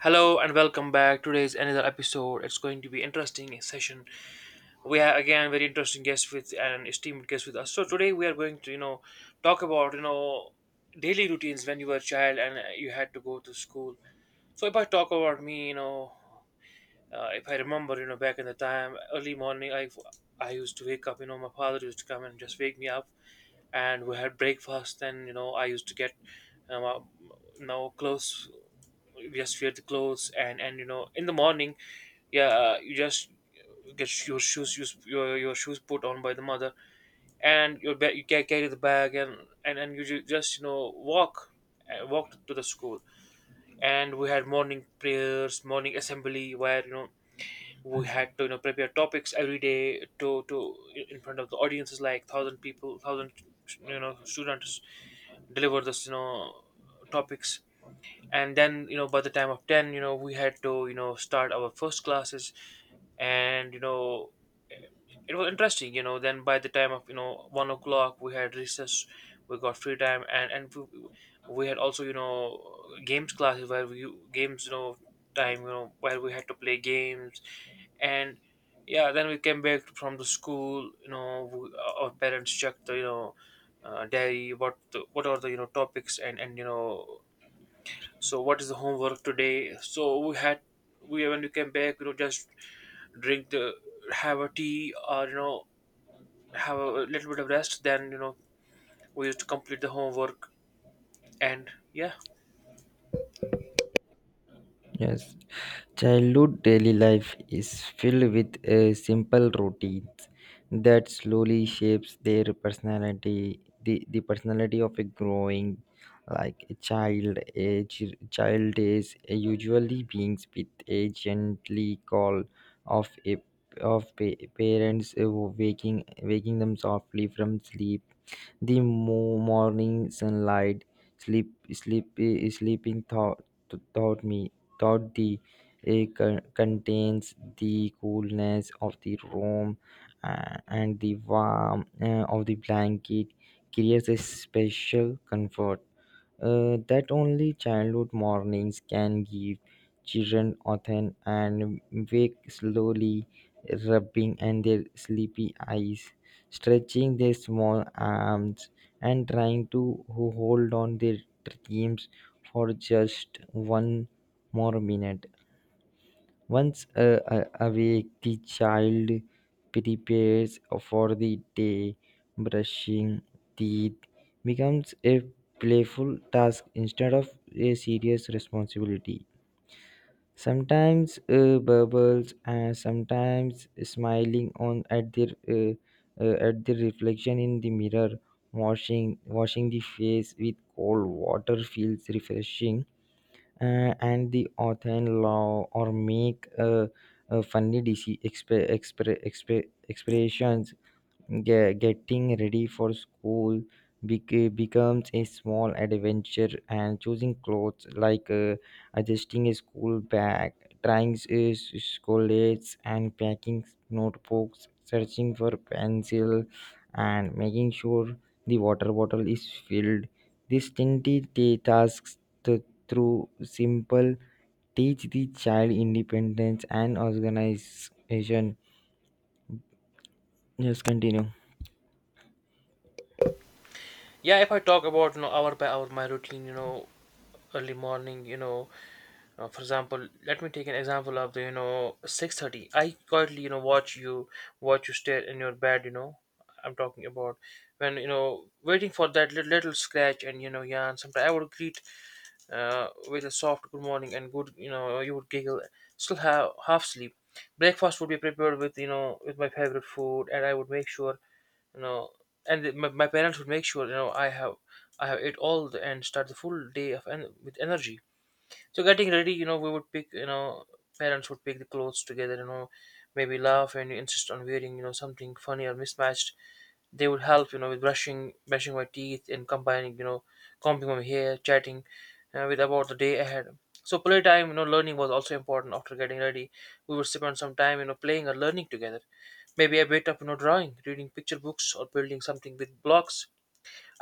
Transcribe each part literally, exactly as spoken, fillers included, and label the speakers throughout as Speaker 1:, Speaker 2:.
Speaker 1: Hello and welcome back. Today's another episode. It's going to be interesting session. We have again very interesting guest with an esteemed guest with us. So today we are going to you know talk about you know daily routines when you were a child and uh, you had to go to school. So if I talk about me, you know, uh, if I remember, you know, back in the time, early morning, I I used to wake up. You know, my father used to come and just wake me up, and we had breakfast. Then you know, I used to get um, uh, now clothes. We just wear the clothes, and and you know, in the morning, yeah, uh, you just get your shoes you, your your shoes put on by the mother and your ba- you ca- carry the bag and and and you ju- just you know walk, uh, walk to the school. And we had morning prayers, morning assembly, where you know we had to you know prepare topics every day to to in front of the audiences like thousand people, thousand you know students, deliver this you know topics. And then you know by the time of ten you know we had to you know start our first classes. And you know it was interesting, you know, then by the time of you know one o'clock we had recess. We got free time, and and we, we had also you know games classes where we games you know time you know where we had to play games. And yeah, then we came back from the school, you know, we, our parents checked the you know uh, diary, what the, what are the you know topics, and and you know so what is the homework today. So we had, we when we came back you know just drink the, have a tea or you know have a little bit of rest. Then you know we used to complete the homework. And yeah,
Speaker 2: Yes, childhood daily life is filled with uh, simple routines that slowly shapes their personality, the, the personality of a growing, like a child. A ch- child is usually beings with a gently call of a of pa- parents uh, waking waking them softly from sleep the mo- morning sunlight, sleep, sleep, eh, sleeping thought, thought me, thought the eh, con- contains the coolness of the room uh, and the warmth uh, of the blanket creates a special comfort uh, that only childhood mornings can give. Children often and wake slowly, rubbing and their sleepy eyes, stretching their small arms, and trying to ho- hold on their dreams for just one more minute. Once uh, a- awake, the child prepares for the day, brushing teeth becomes a playful task instead of a serious responsibility. Sometimes uh, bubbles and sometimes smiling on at their uh, uh, at the reflection in the mirror. Washing washing the face with cold water feels refreshing uh, and the author in law or make uh, uh, funny D C exp- exp- exp- expressions. Ge- getting ready for school bec- becomes a small adventure and choosing clothes like uh, adjusting a school bag, trying uh, s- scholates and packing notebooks, searching for pencil and making sure the water bottle is filled. These tiny ta- tasks th- through simple teach the child independence and organization. Just continue.
Speaker 1: yeah. If I talk about you know hour by hour my routine, you know, early morning, you know, uh, for example, let me take an example of the you know six thirty. I quietly you know watch you, watch you stare in your bed, you know. I'm talking about when you know waiting for that little, little scratch and you know yarn. Sometimes I would greet uh, with a soft good morning and good, you know, you would giggle, still have half sleep. Breakfast would be prepared with, you know, with my favorite food, and I would make sure, you know, and my, my parents would make sure, you know, I have. I have ate all the, and start the full day of en- with energy. So getting ready, you know, we would pick, you know, parents would pick the clothes together, you know, maybe laugh and insist on wearing, you know, something funny or mismatched. They would help you know with brushing brushing my teeth and combining you know combing my hair, chatting uh, with about the day ahead. So playtime, you know, learning was also important. After getting ready, we would spend some time you know playing or learning together, maybe a bit of you know drawing, reading picture books, or building something with blocks.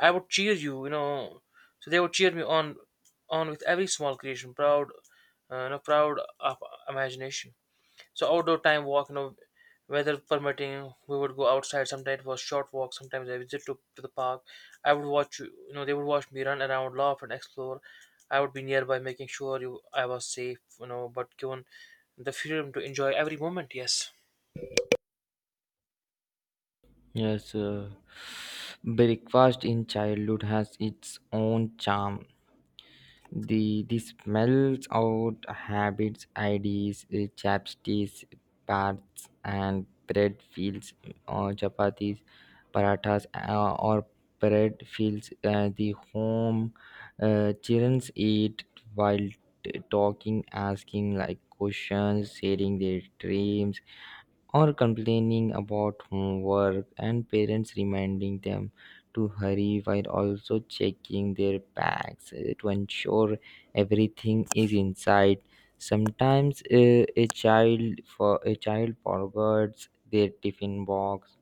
Speaker 1: I would cheer you, you know, so they would cheer me on on with every small creation, proud, uh, you know, proud of imagination. So outdoor time walk, you know, weather permitting, we would go outside. Sometimes it was short walk. Sometimes I visit to, to the park. I would watch, you know, they would watch me run, and I would laugh and explore. I would be nearby, making sure you I was safe, you know. But given the freedom to enjoy every moment, yes.
Speaker 2: Yes, uh, breakfast in childhood has its own charm. The the smells out habits, I Ds, uh, chapsticks, parts, and bread fields, or chapatis, parathas, uh, or bread fields. Uh, the home, uh, children eat while t- talking, asking like questions, sharing their dreams or complaining about homework, and parents reminding them to hurry while also checking their bags uh, to ensure everything is inside. Sometimes uh, a child, for a child forgets their tiffin box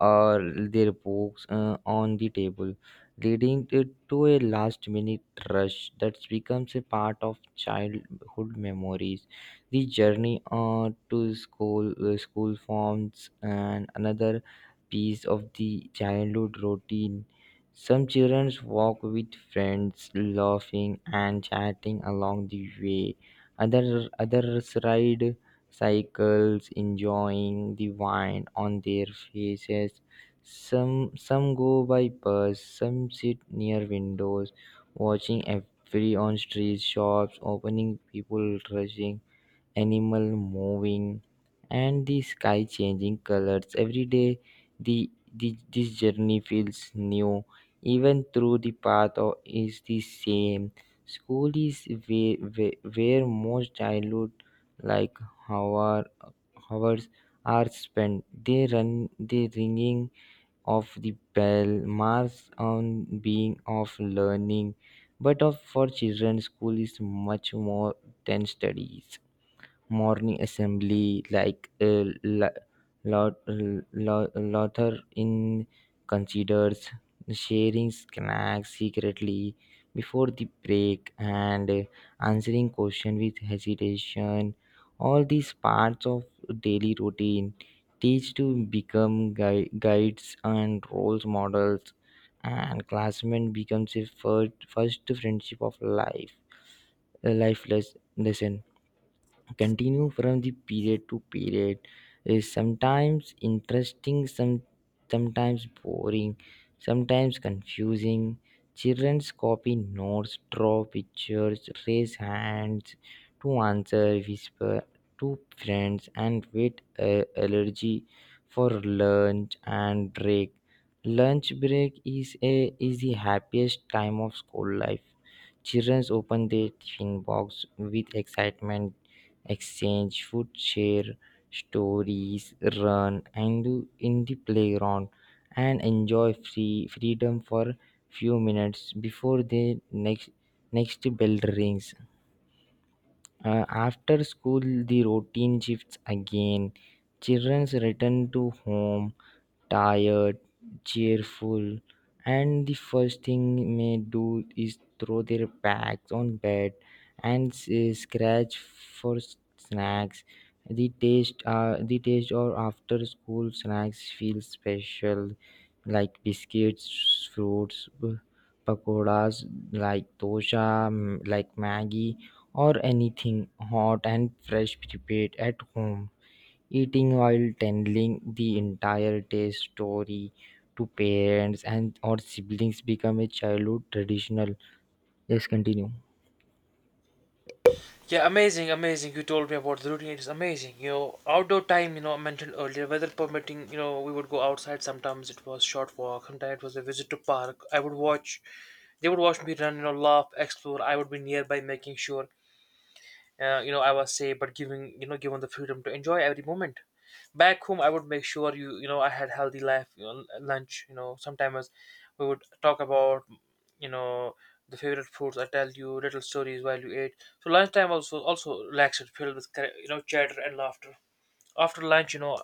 Speaker 2: or their books uh, on the table, leading it to a last minute rush that becomes a part of childhood memories. The journey uh, to school, uh, school forms, and another piece of the childhood routine. Some children walk with friends, laughing and chatting along the way. Other, others ride cycles, enjoying the wine on their faces. Some some go by bus, some sit near windows, watching every on street shops opening, people rushing, animal moving, and the sky changing colors every day. The, the this journey feels new even through the path o- is the same. School is where, where, where most childhood like hour, hours are spent. They run the ringing of the bell marks on being of learning, but of for children school is much more than studies. Morning assembly like uh, La- La- La- Luther in considers, sharing snacks secretly before the break, and uh, answering question with hesitation, all these parts of daily routine teach to become gui- guides and role models, and classmate becomes a first, first friendship of life, a life les- lesson. Continue from the period to period, is sometimes interesting, some sometimes boring, sometimes confusing. Children's copy notes, draw pictures, raise hands to answer, whisper to friends, and wait uh, allergy for lunch and break. Lunch break is a is the happiest time of school life. Children open their tiffin box with excitement, exchange food, share stories, run and do in the playground, and enjoy free freedom for few minutes before the next next bell rings. Uh, after school, the routine shifts again. Children return to home, tired, cheerful, and the first thing may do is throw their bags on bed and s- scratch for s- snacks. The taste, uh, the taste or after school snacks feel special, like biscuits, fruits, b- pakoras, like dosha, m- like Maggie, or anything hot and fresh prepared at home, eating while telling the entire day story to parents and or siblings become a childhood traditional. Yes, continue.
Speaker 1: Yeah, amazing, amazing. You told me about the routine. It's amazing. You know, outdoor time, you know, I mentioned earlier, weather permitting, you know, we would go outside. Sometimes it was short walk, sometimes it was a visit to park. I would watch, they would watch me run, you know, laugh, explore. I would be nearby making sure, uh, you know, I was say but giving you know given the freedom to enjoy every moment. Back home, I would make sure you, you know, I had healthy life, you know, lunch you know sometimes we would talk about you know the favorite foods. I tell you little stories while you ate. So lunchtime also also relaxed, filled with cor- you know chatter and laughter. After lunch, you know,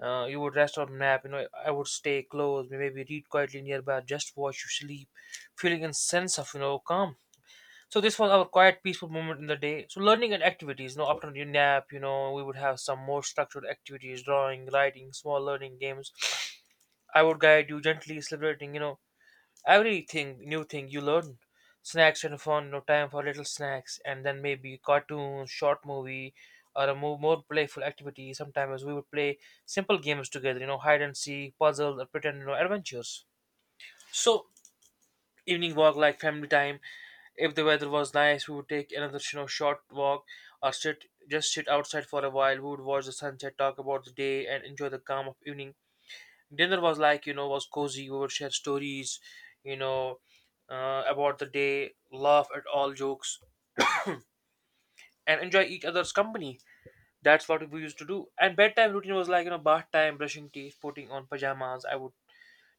Speaker 1: uh, you would rest or nap. You know, I would stay close, maybe read quietly nearby, just watch you sleep, feeling a sense of you know calm. So this was our quiet, peaceful moment in the day. So learning and activities. You know, after your nap, you know, we would have some more structured activities: drawing, writing, small learning games. I would guide you gently, celebrating, you know, everything, new thing you learn. Snacks and fun, you know, time for little snacks, and then maybe cartoons, short movie, or a more, more playful activity. Sometimes we would play simple games together, you know, hide and seek, puzzle, or pretend, you know, adventures. So evening walk, like family time, if the weather was nice, we would take another you know short walk or sit just sit outside for a while. We would watch the sunset, talk about the day, and enjoy the calm of evening. Dinner was like you know was cozy. We would share stories, you know, uh, about the day, laugh at all jokes, and enjoy each other's company. That's what we used to do. And bedtime routine was like you know bath time, brushing teeth, putting on pajamas. I would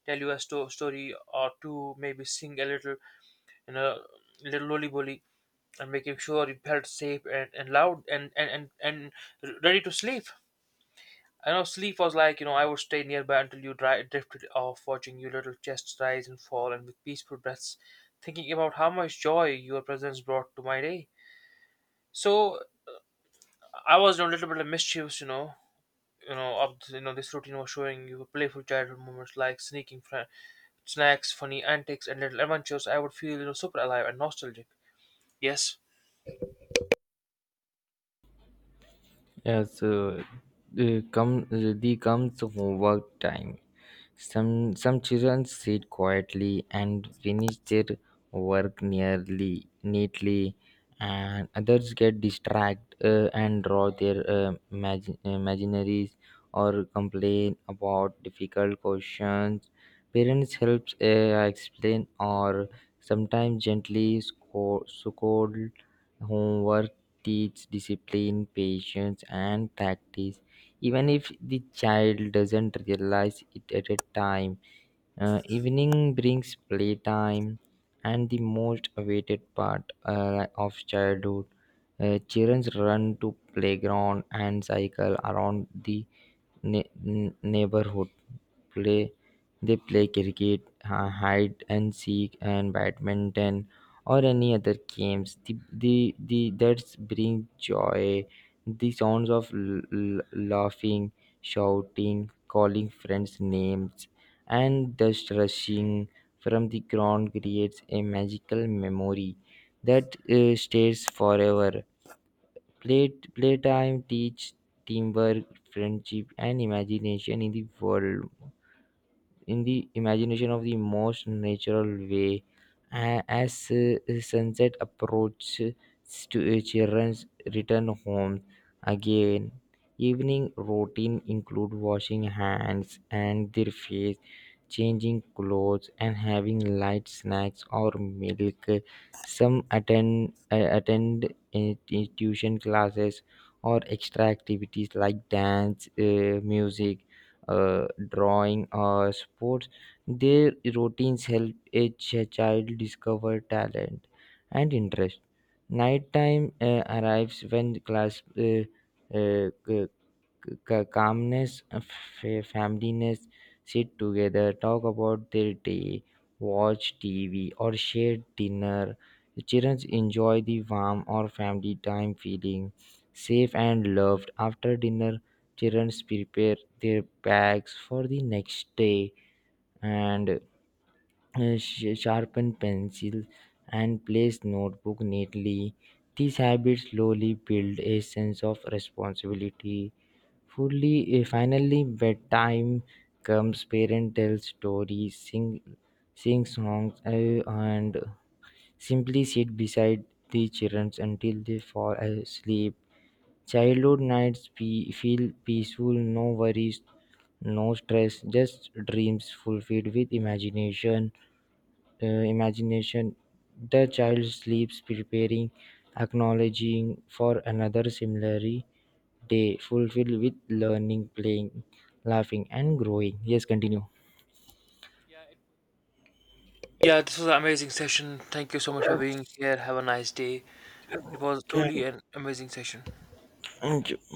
Speaker 1: tell you a sto- story or two, maybe sing a little, you know, little lollipop, and making sure you felt safe and, and loud and, and, and, and r- ready to sleep. I know sleep was like, you know, I would stay nearby until you dri- drifted off, watching your little chests rise and fall, and with peaceful breaths, thinking about how much joy your presence brought to my day. So I was you know a little bit of mischievous, you know, you know, of you know, this routine was showing you playful childhood moments like sneaking fr- snacks, funny antics, and little adventures. I would feel, you know, super alive and nostalgic. Yes.
Speaker 2: Yes, uh, uh, come uh, the comes homework time. Some some children sit quietly and finish their work nearly neatly, and others get distracted uh, and draw their uh, imagin- imaginaries or complain about difficult questions. Parents help uh, explain, or sometimes gently scold, scold homework, teach discipline, patience, and practice even if the child doesn't realize it at a time. Uh, evening brings playtime and the most awaited part uh, of childhood. Uh, children run to playground and cycle around the ne- n- neighborhood play. They play cricket, hi- hide and seek, and badminton, or any other games. The the, the that's bring joy. The sounds of l- l- laughing, shouting, calling friends' names, and dust rushing from the ground creates a magical memory that uh, stays forever. Play Playtime teach teamwork, friendship, and imagination in the world, in the imagination of the most natural way. A- as uh, sunset approaches to uh, children's return home again. Evening routine include washing hands and their face, changing clothes, and having light snacks or milk. Some attend uh, attend institution classes or extra activities like dance, uh, music, uh, drawing, or sports. Their routines help a ch- child discover talent and interest. Nighttime uh, arrives when class uh, uh, c- ca- calmness, uh, fa- familyness, sit together, talk about their day, watch T V, or share dinner. Children enjoy the warm or family time, feeling safe and loved. After dinner, children prepare their bags for the next day and uh, sh- sharpen pencils and place notebook neatly. These habits slowly build a sense of responsibility. Fully, eh, finally, bedtime comes. Parent tells stories, sing, sing songs, eh, and simply sit beside the children until they fall asleep. Childhood nights pe- feel peaceful, no worries, no stress, just dreams fulfilled with imagination. eh, imagination. The child sleeps, preparing, acknowledging for another similarly day fulfilled with learning, playing, laughing, and growing. Yes, continue.
Speaker 1: Yeah, it Yeah, this was an amazing session. Thank you so much for
Speaker 2: Yes,
Speaker 1: being here. Have a nice day. It was truly an amazing session.
Speaker 2: yes.